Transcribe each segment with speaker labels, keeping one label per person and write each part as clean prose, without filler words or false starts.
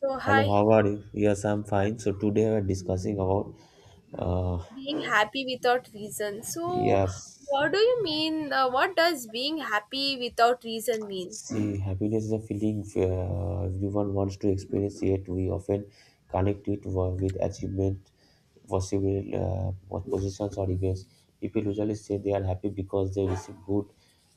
Speaker 1: So,
Speaker 2: Hello,
Speaker 1: hi,
Speaker 2: how are you? Yes, I'm fine. So today we're discussing about uh
Speaker 1: being happy without reason. So,
Speaker 2: yes.
Speaker 1: what do you mean? What does being happy without reason mean?
Speaker 2: See, happiness is a feeling everyone wants to experience, yet we often connect it with achievement, possible what positions, or events. People usually say they are happy because they receive good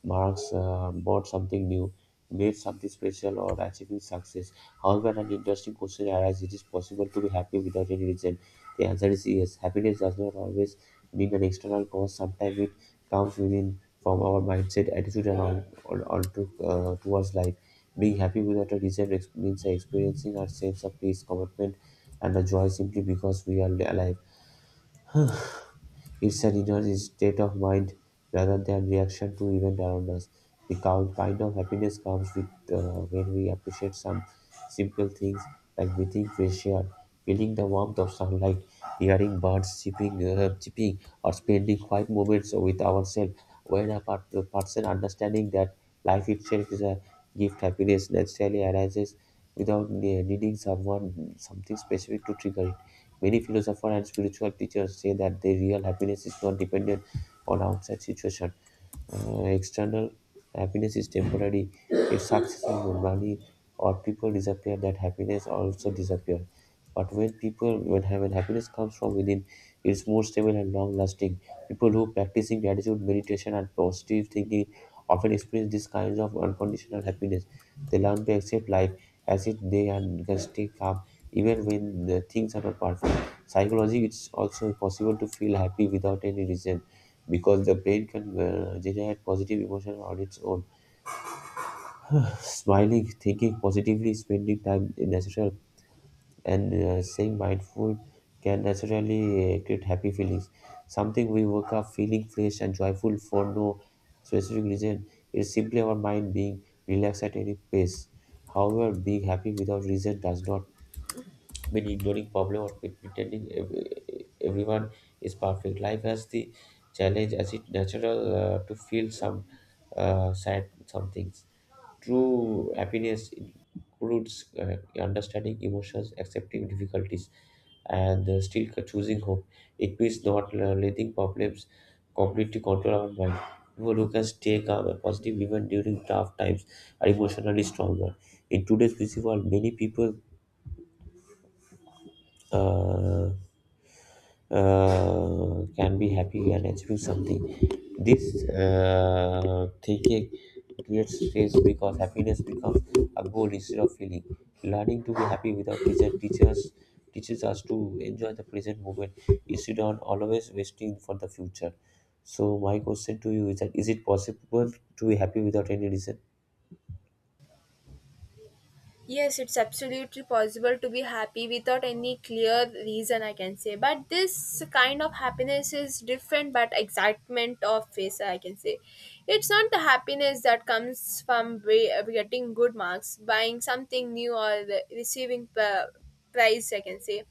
Speaker 2: marks, bought something new, made something special, or achieving success. However, an interesting question arises, it is possible to be happy without any reason? The answer is yes. Happiness does not always mean an external cause, sometimes it comes within from our mindset attitude and all towards life. Being happy without a reason means experiencing our sense of peace commitment and a joy simply because we are alive. It's an inner state of mind rather than reaction to events around us. The kind of happiness comes with, when we appreciate some simple things like breathing fresh air, feeling the warmth of sunlight, hearing birds chirping, chirping or spending quiet moments with ourselves. When a part, the person understanding that life itself is a gift, happiness naturally arises without needing someone something specific to trigger it. Many philosophers and spiritual teachers say that their real happiness is not dependent on outside situation. External happiness is temporary. If success and money or people disappear, that happiness also disappears. But when people, when, when happiness comes from within, it's more stable and long lasting. People who practicing gratitude, meditation, and positive thinking often experience these kinds of unconditional happiness. They learn to accept life as it they and can stay calm even when the things are not perfect. Psychologically, it's also possible to feel happy without any reason because the brain can generate positive emotion on its own. Smiling, thinking positively, spending time in natural, and staying mindful can naturally create happy feelings. Something we wake up feeling fresh and joyful for no specific reason. It's simply our mind being relaxed at any pace. However, being happy without reason does not been ignoring problem or been pretending everyone is perfect. Life has the challenge as it natural, to feel some sad some things. True happiness includes understanding emotions, accepting difficulties, and still choosing hope. It means not letting problems completely control our mind. People who can stay calm and positive even during tough times are emotionally stronger. In today's busy world, many people uh, can be happy and achieve something. This thinking creates stress because happiness becomes a goal instead of feeling. Learning to be happy without pressure teaches us to enjoy the present moment instead of always waiting for the future. So my question to you is that, is it possible to be happy without any reason?
Speaker 1: Yes, it's absolutely possible to be happy without any clear reason, I can say. But this kind of happiness is different, but excitement of face, I can say. It's not the happiness that comes from getting good marks, buying something new, or receiving prize, I can say.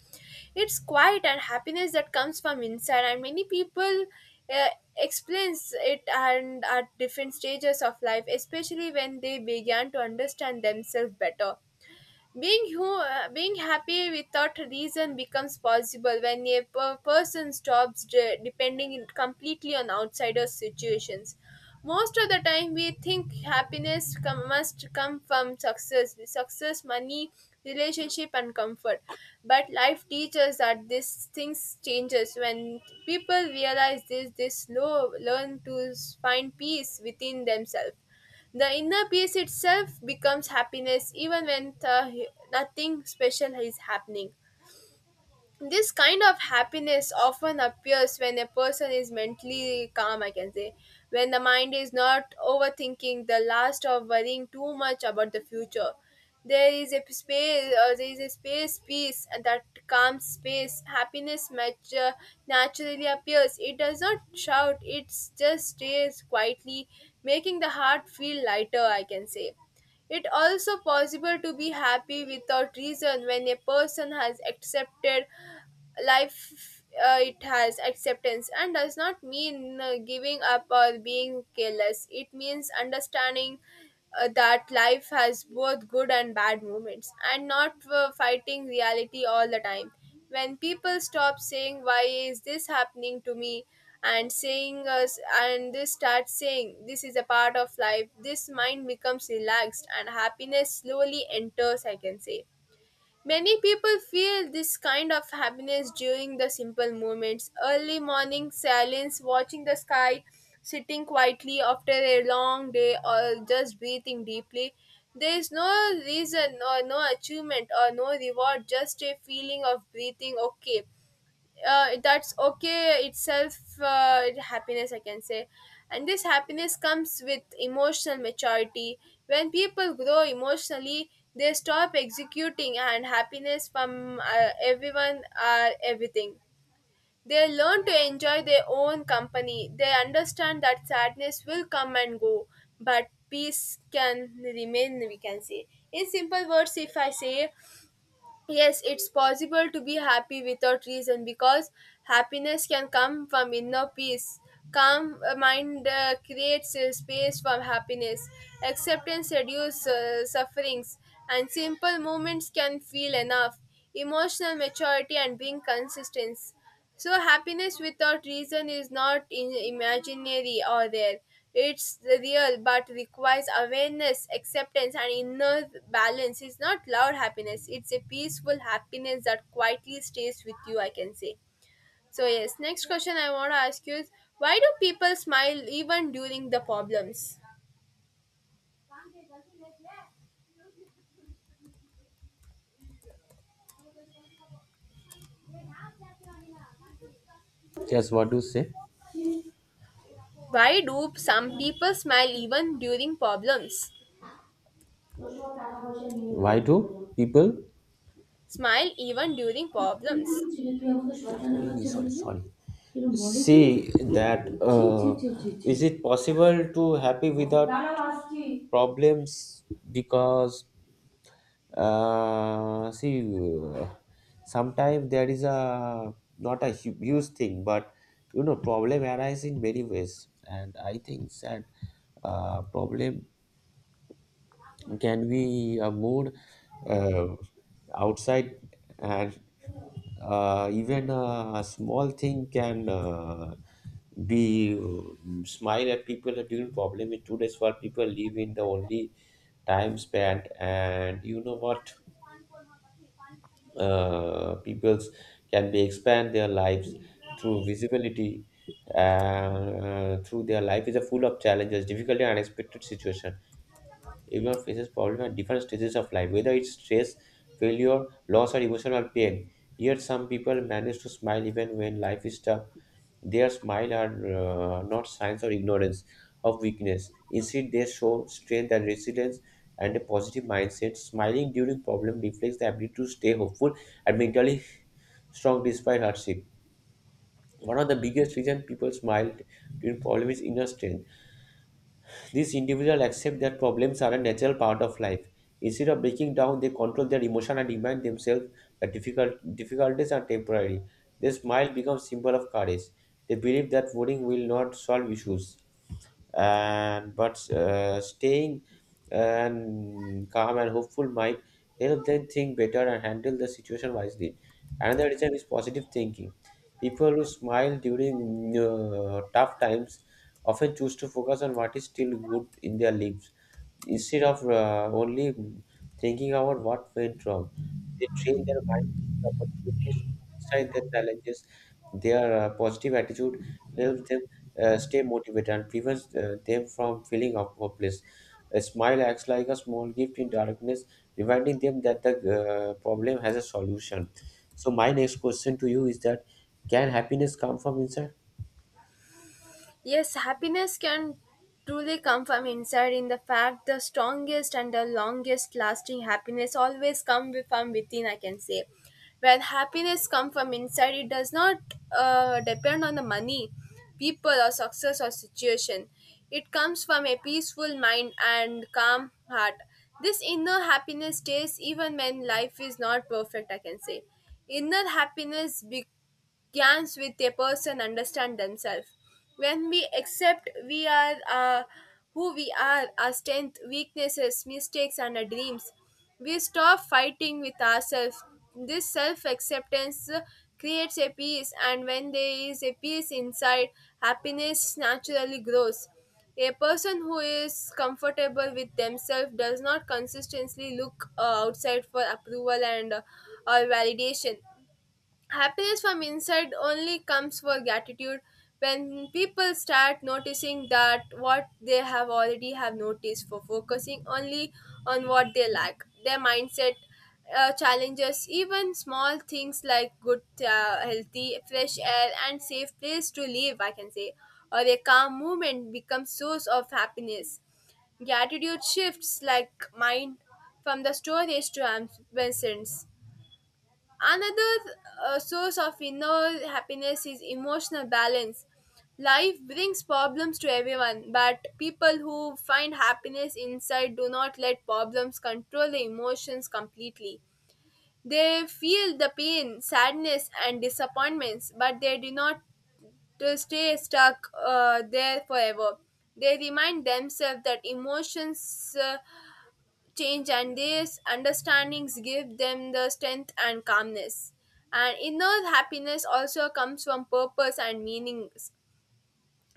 Speaker 1: It's quiet and happiness that comes from inside, and many people uh, explains it and at different stages of life, especially when they began to understand themselves better. Being happy without reason becomes possible when a person stops depending completely on outsider situations. Most of the time, we think happiness must come from success, money, relationship, and comfort. But life teaches that these things changes when people realize this. They slow learn to find peace within themselves. The inner peace itself becomes happiness even when nothing special is happening. This kind of happiness often appears when a person is mentally calm, I can say. When the mind is not overthinking the last of worrying too much about the future, there is a space there is a space peace, and that calm space happiness match, naturally appears. It does not shout, it just stays quietly, making the heart feel lighter, I can say. It also possible to be happy without reason when a person has accepted life, it has acceptance, and does not mean giving up or being careless. It means understanding that life has both good and bad moments, and not fighting reality all the time. When people stop saying why is this happening to me and saying us, and they start saying this is a part of life, this mind becomes relaxed and happiness slowly enters, I can say. Many people feel this kind of happiness during the simple moments. Early morning silence, watching the sky, sitting quietly after a long day, or just breathing deeply. There is no reason or no achievement or no reward, just a feeling of breathing okay, that's okay itself, happiness, I can say. And this happiness comes with emotional maturity. When people grow emotionally, they stop executing and happiness from everyone or everything. They learn to enjoy their own company. They understand that sadness will come and go, but peace can remain, we can say, in simple words, if I say. Yes, it's possible to be happy without reason because happiness can come from inner peace. Calm mind creates a space for happiness. Acceptance reduces sufferings, and simple moments can feel enough. Emotional maturity and being consistent. So happiness without reason is not in imaginary or there. It's real but requires awareness, acceptance and inner balance. It's not loud happiness. It's a peaceful happiness that quietly stays with you, I can say. So yes, next question I want to ask you is why do people smile even during the problems?
Speaker 2: Yes, what do you say?
Speaker 1: Why do some people smile even during problems?
Speaker 2: Why do people?
Speaker 1: Smile even during problems.
Speaker 2: Sorry, sorry. See that, is it possible to happy without problems? Because, see, uh, sometimes there is a not a huge thing but, you know, problem arise in many ways and I think that, problem can be a mood, uh, outside, and even a small thing can, be, smile at people are doing problem in today's world. People live in the only time span, and you know what? People's can be expand their lives through visibility. Through their life is a full of challenges, difficulty, and unexpected situation. Everyone faces problems at different stages of life, whether it's stress, failure, loss, or emotional pain. Yet some people manage to smile even when life is tough. Their smile are, not signs of ignorance, of weakness. Instead, they show strength and resilience and a positive mindset. Smiling during problem reflects the ability to stay hopeful and mentally strong despite hardship. One of the biggest reasons people smile during problem is inner strength. These individuals accept that problems are a natural part of life. Instead of breaking down, they control their emotion and remind themselves that difficulties are temporary. Their smile becomes symbol of courage. They believe that worrying will not solve issues and but, staying and calm and hopeful might help them think better and handle the situation wisely. Another reason is positive thinking. People who smile during tough times often choose to focus on what is still good in their lives instead of, only thinking about what went wrong, they train their mind to see opportunities inside their challenges. Their positive attitude helps them stay motivated and prevents, them from feeling out of hopeless. A smile acts like a small gift in darkness, reminding them that the, problem has a solution. So, my next question to you is that, can happiness come from inside?
Speaker 1: Yes, happiness can truly come from inside. In the fact the strongest and the longest lasting happiness always come from within, I can say. When happiness comes from inside, it does not depend on the money, people, or success or situation. It comes from a peaceful mind and calm heart. This inner happiness stays even when life is not perfect, I can say. Inner happiness be. Gains with a person understand themselves. When we accept we are who we are, our strength, weaknesses, mistakes, and our dreams, we stop fighting with ourselves. This self acceptance creates a peace, and when there is a peace inside, happiness naturally grows. A person who is comfortable with themselves does not consistently look outside for approval and, or validation. Happiness from inside only comes for gratitude. When people start noticing that what they have already have noticed for focusing only on what they lack, their mindset challenges even small things like good, healthy fresh air and safe place to live, I can say, or a calm movement becomes source of happiness. Gratitude shifts like mind from the storage to absence. Another source of inner happiness is emotional balance. Life brings problems to everyone, but people who find happiness inside do not let problems control their emotions completely. They feel the pain, sadness, and disappointments, but they do not stay stuck there forever. They remind themselves that emotions change, and these understandings give them the strength and calmness. And inner happiness also comes from purpose and meanings.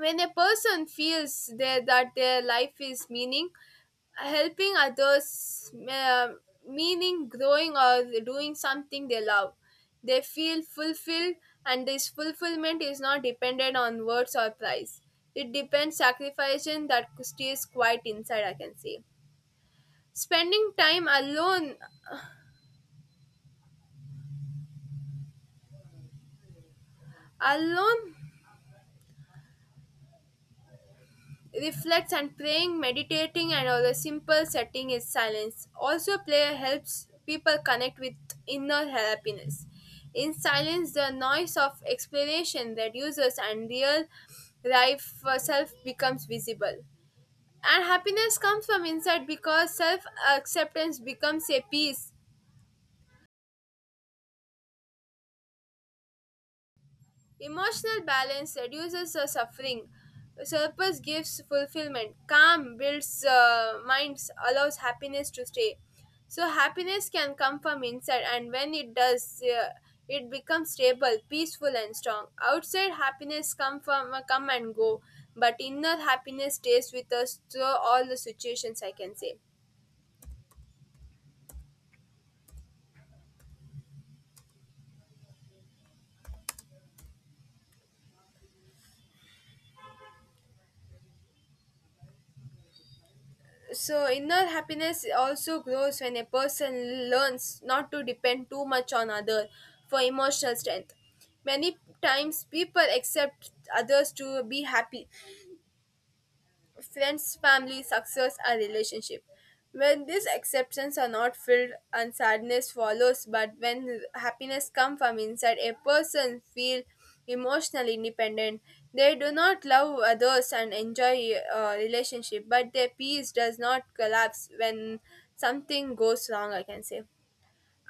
Speaker 1: When a person feels there that their life is meaning, helping others, meaning growing or doing something they love, they feel fulfilled. And this fulfillment is not dependent on words or price, it depends sacrificing that stays quite inside, I can say. Spending time alone reflects and praying, meditating, and all a simple setting is silence. Also, prayer helps people connect with inner happiness. In silence, the noise of exploration reduces and real life self becomes visible. And happiness comes from inside because self acceptance becomes a peace. Emotional balance reduces the suffering. Surplus gives fulfillment. Calm builds minds, allows happiness to stay. So, happiness can come from inside, and when it does, it becomes stable, peaceful, and strong. Outside happiness come from come and go, but inner happiness stays with us through all the situations, I can say. So inner happiness also grows when a person learns not to depend too much on others for emotional strength. Many times people accept others to be happy, friends, family, success, or relationship. When these exceptions are not filled and sadness follows, but when happiness comes from inside, a person feel emotionally independent. They do not love others and enjoy relationship, but their peace does not collapse when something goes wrong, I can say.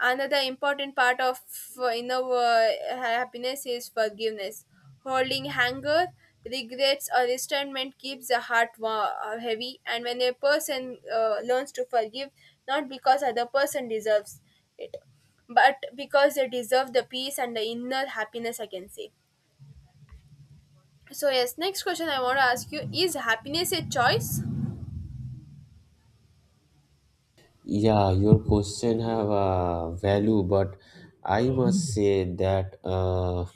Speaker 1: Another important part of inner happiness is forgiveness. Holding anger, regrets, or resentment keeps the heart heavy, and when a person learns to forgive, not because other person deserves it, but because they deserve the peace and the inner happiness, I can say. So, yes, next question I want to ask you is happiness a choice?
Speaker 2: Yeah, your question have a value, but I must say that,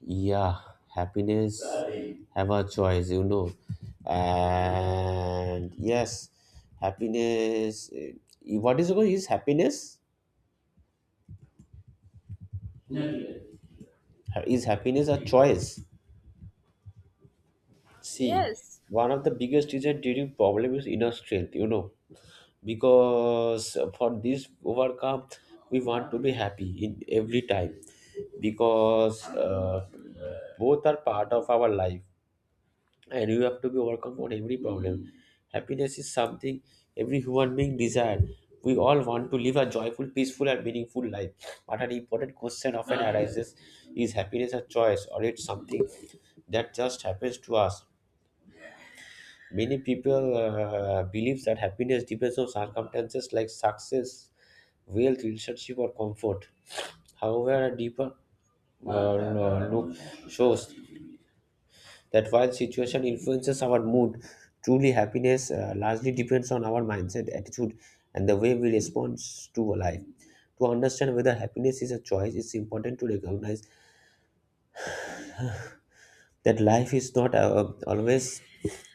Speaker 2: yeah, happiness have a choice, you know, and yes, happiness. Eh, what is it called? Is happiness? Is happiness a choice? See,
Speaker 1: Yes.
Speaker 2: one of the biggest is a dating problem is inner strength, you know, because for this overcome, we want to be happy in every time because, both are part of our life. And you have to be overcome on every problem. Happiness is something every human being desire. We all want to live a joyful, peaceful, and meaningful life. But an important question often arises, is happiness a choice or it's something that just happens to us? Many people believe that happiness depends on circumstances like success, wealth, relationship, or comfort. However, a deeper, look shows that while situation influences our mood, truly happiness largely depends on our mindset, attitude, and the way we respond to life. To understand whether happiness is a choice, it's important to recognize that life is not, always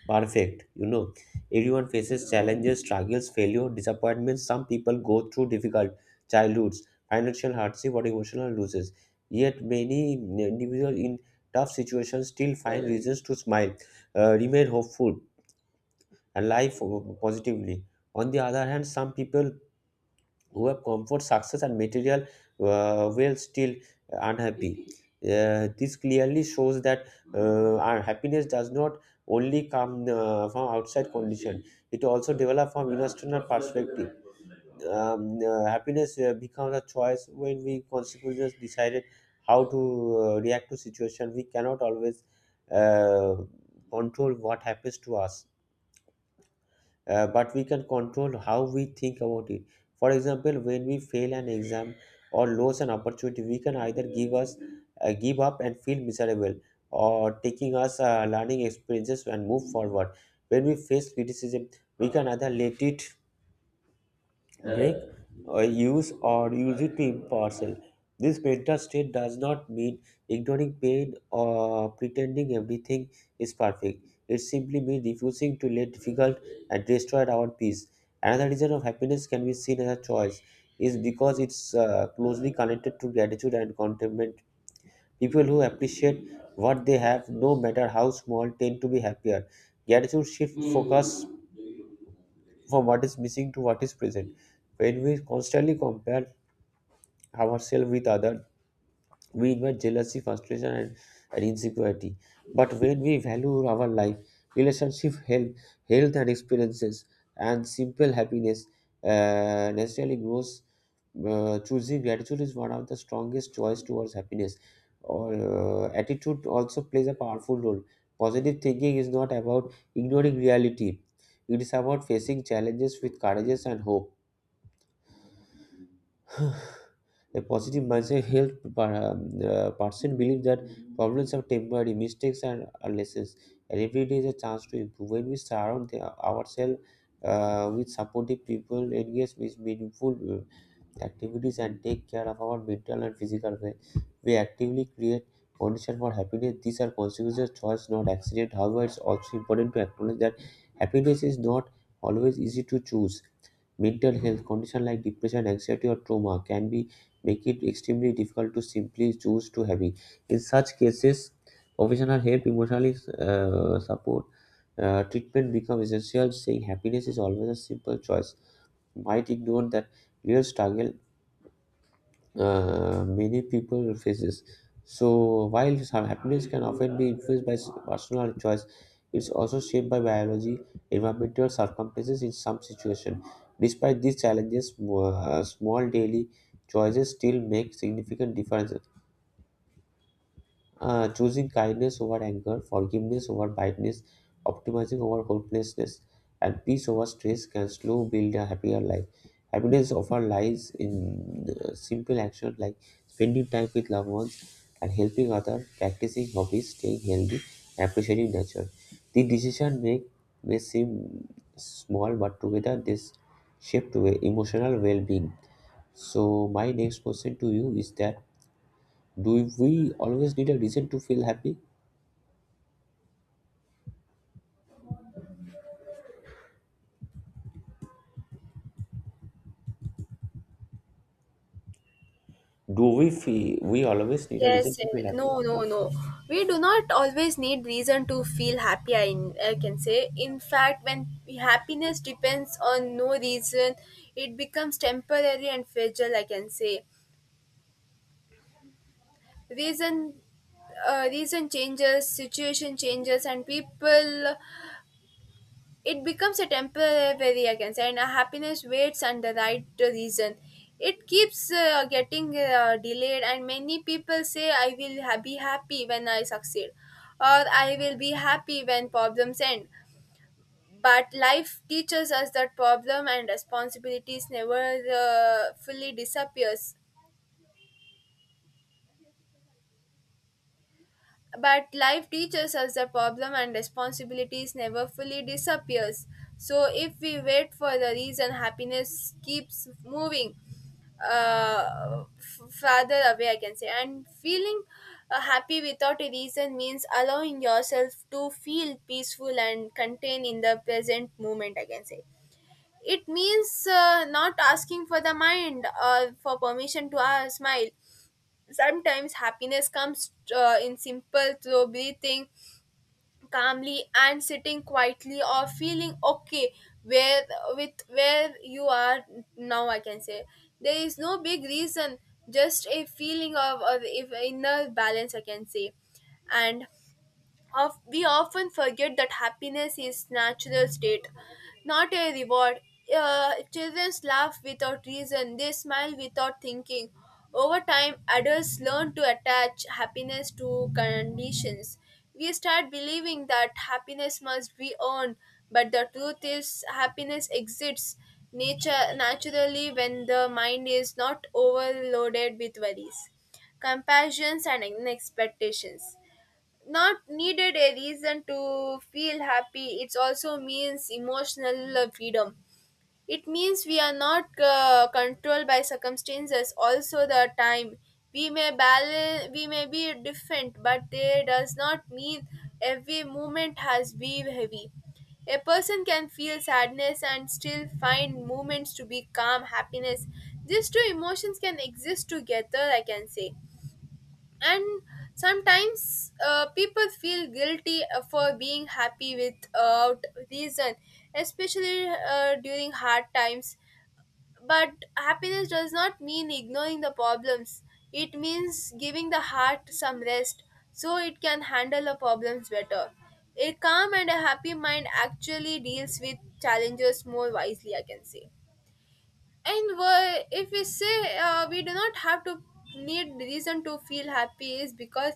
Speaker 2: perfect. You know, everyone faces challenges, struggles, failure, disappointments. Some people go through difficult childhoods, financial hardship, or emotional losses. Yet, many individuals in tough situations still find reasons to smile, remain hopeful, and life positively. On the other hand, some people who have comfort, success, and material well still unhappy. This clearly shows that, our happiness does not only come, from outside condition; it also develops from internal perspective. Happiness becomes a choice when we consequently decided how to, react to situation. We cannot always, uh, control what happens to us, but we can control how we think about it. For example, when we fail an exam or lose an opportunity, we can either give us, give up and feel miserable, or taking us, learning experiences and move forward. When we face criticism, we can either let it make, use or use it to impartial. This mental state does not mean ignoring pain or pretending everything is perfect. It simply means refusing to let difficult and destroy our peace. Another reason of happiness can be seen as a choice is because it's, closely connected to gratitude and contentment. People who appreciate what they have, no matter how small, tend to be happier. Gratitude shifts focus from what is missing to what is present. When we constantly compare ourselves with others, we invite jealousy, frustration, and insecurity. But when we value our life, relationship, health and experiences, and simple happiness, naturally grows. Choosing gratitude is one of the strongest choice towards happiness. Or, attitude also plays a powerful role. Positive thinking is not about ignoring reality. It is about facing challenges with courage and hope. A positive mindset helps person believe that problems are temporary, mistakes are lessons, and every day is a chance to improve. When we surround ourselves, with supportive people, engage with meaningful, activities, and take care of our mental and physical well, we actively create conditions for happiness. These are consequences, choice, not accident. However, it's also important to acknowledge that happiness is not always easy to choose. Mental health condition like depression anxiety or trauma can be make it extremely difficult to simply choose to have it. In such cases, professional help emotional, support, treatment become essential. Saying happiness is always a simple choice might ignore that real struggle, many people faces. So while some happiness can often be influenced by personal choice, it's also shaped by biology, environmental circumstances in some situation. Despite these challenges, small daily choices still make significant differences, choosing kindness over anger, forgiveness over bitterness, optimizing over hopelessness, and peace over stress can slow build a happier life. Happiness often lies in, simple action like spending time with loved ones and helping others, practicing hobbies, staying healthy, and appreciating nature. The decision make may seem small, but together this shape to a emotional well-being. So my next question to you is that, do we always need a reason to feel happy? Do we feel we always need a reason
Speaker 1: Yes,
Speaker 2: to feel
Speaker 1: and
Speaker 2: happy?
Speaker 1: no, no, no. We do not always need reason to feel happy. I can say. In fact, when happiness depends on no reason, it becomes temporary and fragile, I can say. Reason, reason changes, situation changes, and people. It becomes a temporary, I can say, and a happiness waits and the right reason. It keeps getting delayed, and many people say, I will be happy when I succeed, or I will be happy when problems end. But life teaches us that problem and responsibilities never fully disappears, but life teaches us the problem and responsibilities never fully disappears. So if we wait for the reason happiness keeps moving farther away, I can say. And feeling happy without a reason means allowing yourself to feel peaceful and contained in the present moment, I can say. It means not asking for the mind or for permission to smile. Sometimes happiness comes in simple through breathing calmly and sitting quietly or feeling okay where with where you are now, I can say. There is no big reason, just a feeling of if inner balance, I can say. And of we often forget that happiness is natural state, not a reward. Children laugh without reason, they smile without thinking. Over time adults learn to attach happiness to conditions. We start believing that happiness must be earned, but the truth is happiness exists nature naturally when the mind is not overloaded with worries, compassions and expectations. Not needed a reason to feel happy. It also means emotional freedom. It means we are not controlled by circumstances also the time. We may balance, we may be different, but they does not mean every moment has been heavy. A person can feel sadness and still find moments to be calm happiness, these two emotions can exist together, I can say. And sometimes people feel guilty for being happy without reason, especially during hard times. But happiness does not mean ignoring the problems, it means giving the heart some rest, so it can handle the problems better. A calm and a happy mind actually deals with challenges more wisely, I can say. And if we say we do not have to need reason to feel happy is because.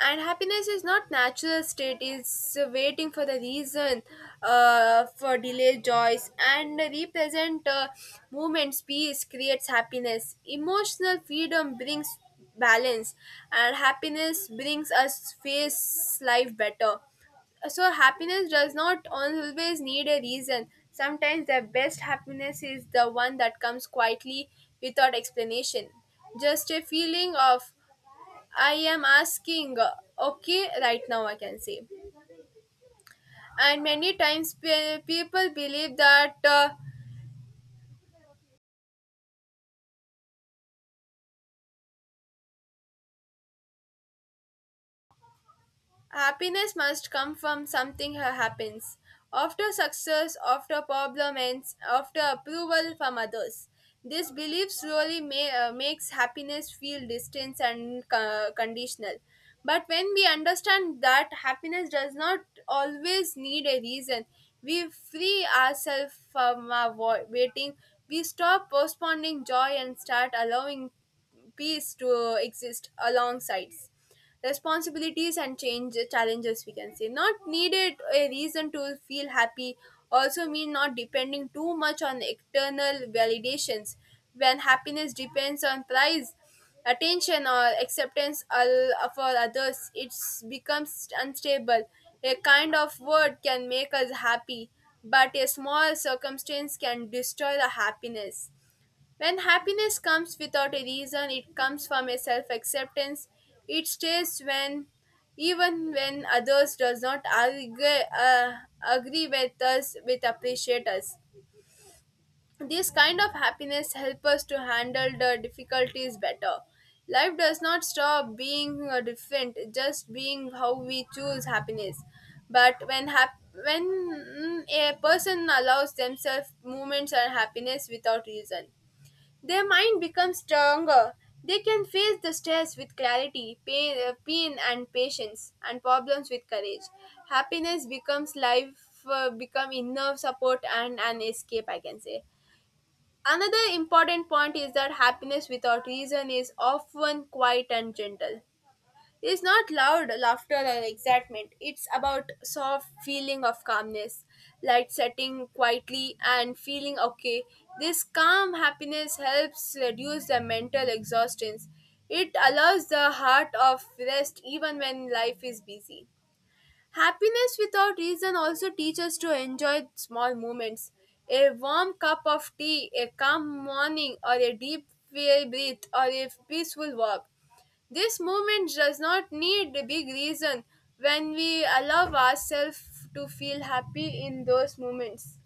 Speaker 1: And happiness is not natural state, it's waiting for the reason, for delayed joys and represent movements. Peace creates happiness, emotional freedom brings balance, and happiness brings us face life better. So happiness does not always need a reason, sometimes The best happiness is the one that comes quietly without explanation, just a feeling of I am asking, okay, right now I can say. And many times people believe that. Happiness must come from something happens. After success, after problem ends, after approval from others. This belief slowly makes happiness feel distant and conditional. But when we understand that happiness does not always need a reason, we free ourselves from our waiting. We stop postponing joy and start allowing peace to exist alongside responsibilities and change challenges, we can say. Not needed a reason to feel happy also mean not depending too much on external validations. When happiness depends on price, attention or acceptance for others, it becomes unstable. A kind of word can make us happy, but a small circumstance can destroy the happiness. When happiness comes without a reason, it comes from a self-acceptance. It stays when, even when others does not agree, agree with us, with appreciate us. This kind of happiness help us to handle the difficulties better. Life does not stop being different, just being how we choose happiness. But when hap- when a person allows themselves moments of happiness without reason, their mind becomes stronger. They can face the stress with clarity, pain and patience, and problems with courage. Happiness becomes life, become inner support and an escape, I can say. Another important point is that happiness without reason is often quiet and gentle. It's not loud laughter or excitement. It's about soft feeling of calmness, like setting quietly and feeling okay. This calm happiness helps reduce the mental exhaustion. It allows the heart of rest even when life is busy. Happiness without reason also teaches us to enjoy small moments. A warm cup of tea, a calm morning, or a deep breath, or a peaceful walk. This moment does not need a big reason. When we allow ourselves to feel happy in those moments,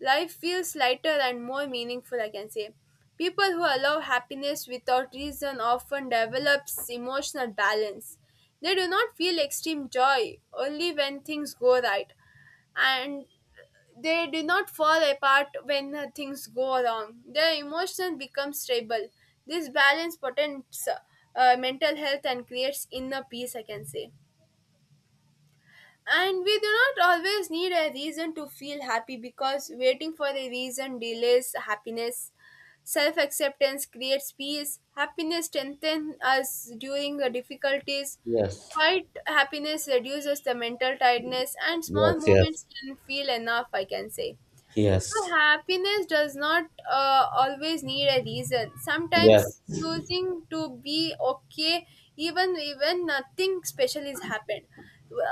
Speaker 1: life feels lighter and more meaningful, I can say. People who allow happiness without reason often develops emotional balance. They do not feel extreme joy only when things go right, and they do not fall apart when things go wrong. Their emotion becomes stable. This balance protects mental health and creates inner peace, I can say. And we do not always need a reason to feel happy, because waiting for a reason delays happiness. Self acceptance creates peace. Happiness strengthens us during the difficulties.
Speaker 2: Yes,
Speaker 1: Quiet happiness reduces the mental tiredness, and small
Speaker 2: yes,
Speaker 1: moments
Speaker 2: yes,
Speaker 1: can feel enough, I can say. So
Speaker 2: yes,
Speaker 1: happiness does not always need a reason.
Speaker 2: yes,
Speaker 1: Sometimes choosing to be okay even when nothing special is happened.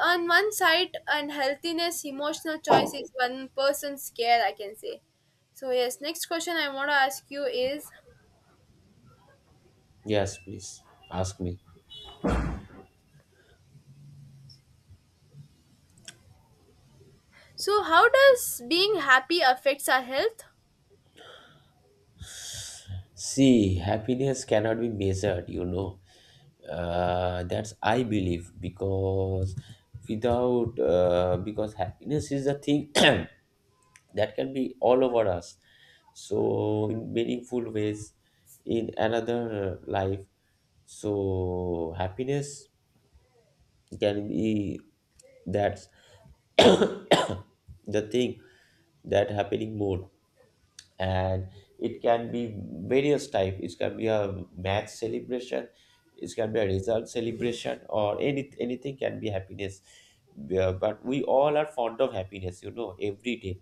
Speaker 1: On one side, unhealthiness, emotional choice is one person's care, I can say. So yes, next question I want to ask you is,
Speaker 2: yes, please ask me.
Speaker 1: so how does being happy affects our health?
Speaker 2: See, happiness cannot be measured, you know. That's I believe because without because happiness is a thing that can be all over us. So in meaningful ways in another life. So happiness can be that the thing that happening more, and it can be various type. It can be a match celebration, it can be a result celebration, or anything can be happiness. Yeah, but we all are fond of happiness, you know. Every day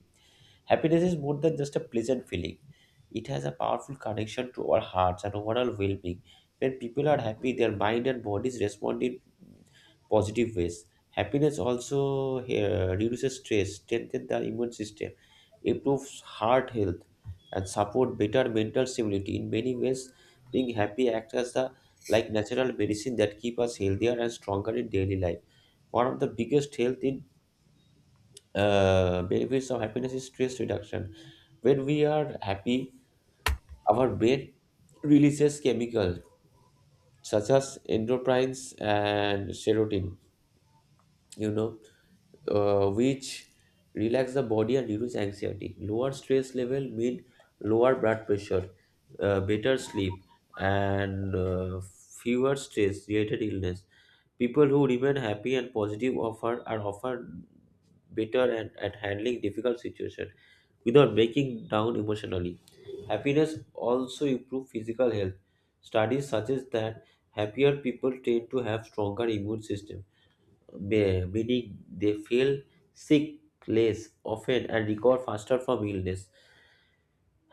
Speaker 2: happiness is more than just a pleasant feeling. It has a powerful connection to our hearts and overall well-being. When people are happy, their mind and bodies respond in positive ways. Happiness also reduces stress, strengthens the immune system, improves heart health, and support better mental stability. In many ways, being happy acts as the like natural medicine that keep us healthier and stronger in daily life. One of the biggest benefits of happiness is stress reduction. When we are happy, our brain releases chemicals such as endorphins and serotonin. You know, which relax the body and reduce anxiety. Lower stress level mean lower blood pressure, better sleep, and fewer stress-related illness. People who remain happy and positive offer are often better and at handling difficult situation without breaking down emotionally. Happiness also improve physical health. Studies suggest that happier people tend to have stronger immune system, meaning they feel sick less often and recover faster from illness.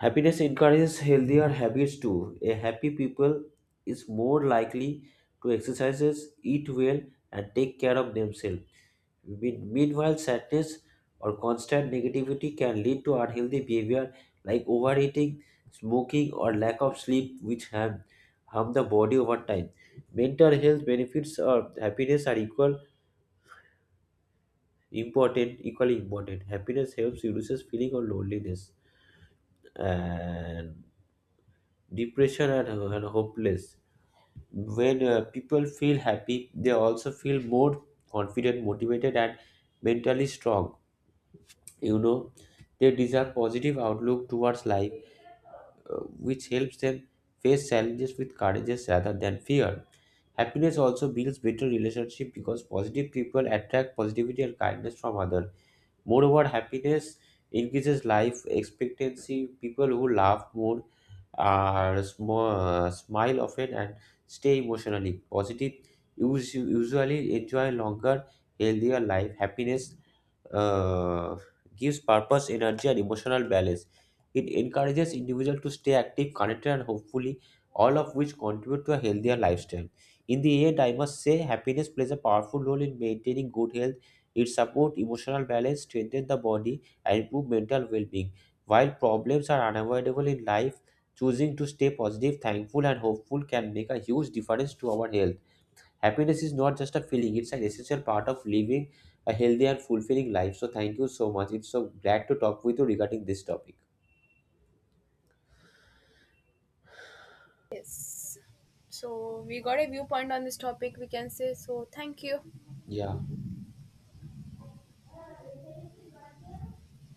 Speaker 2: Happiness encourages healthier habits too. A happy people is more likely to exercise, eat well, and take care of themselves. Meanwhile, sadness or constant negativity can lead to unhealthy behavior like overeating, smoking, or lack of sleep, which harm the body over time. Mental health benefits or happiness are equal important, equally important. Happiness helps reduces feeling of loneliness and depression, and hopeless when people feel happy. They also feel more confident, motivated, and mentally strong, you know. They deserve positive outlook towards life, uh, which helps them face challenges with courage rather than fear. Happiness also builds better relationship because positive people attract positivity and kindness from others. Moreover, happiness increases life expectancy. People who laugh more, are smile often, and stay emotionally positive. Usually enjoy longer, healthier life. Happiness uh, gives purpose, energy, and emotional balance. It encourages individuals to stay active, connected, and hopefully, all of which contribute to a healthier lifestyle. In the end, I must say, happiness plays a powerful role in maintaining good health. It supports emotional balance, strengthens the body, and improves mental well-being. While problems are unavoidable in life, choosing to stay positive, thankful, and hopeful can make a huge difference to our health. Happiness is not just a feeling, it's an essential part of living a healthy and fulfilling life. So, thank you so much. It's so glad to talk with you regarding this topic.
Speaker 1: Yes. So we got a viewpoint on this topic, we can say. So thank you.
Speaker 2: Yeah.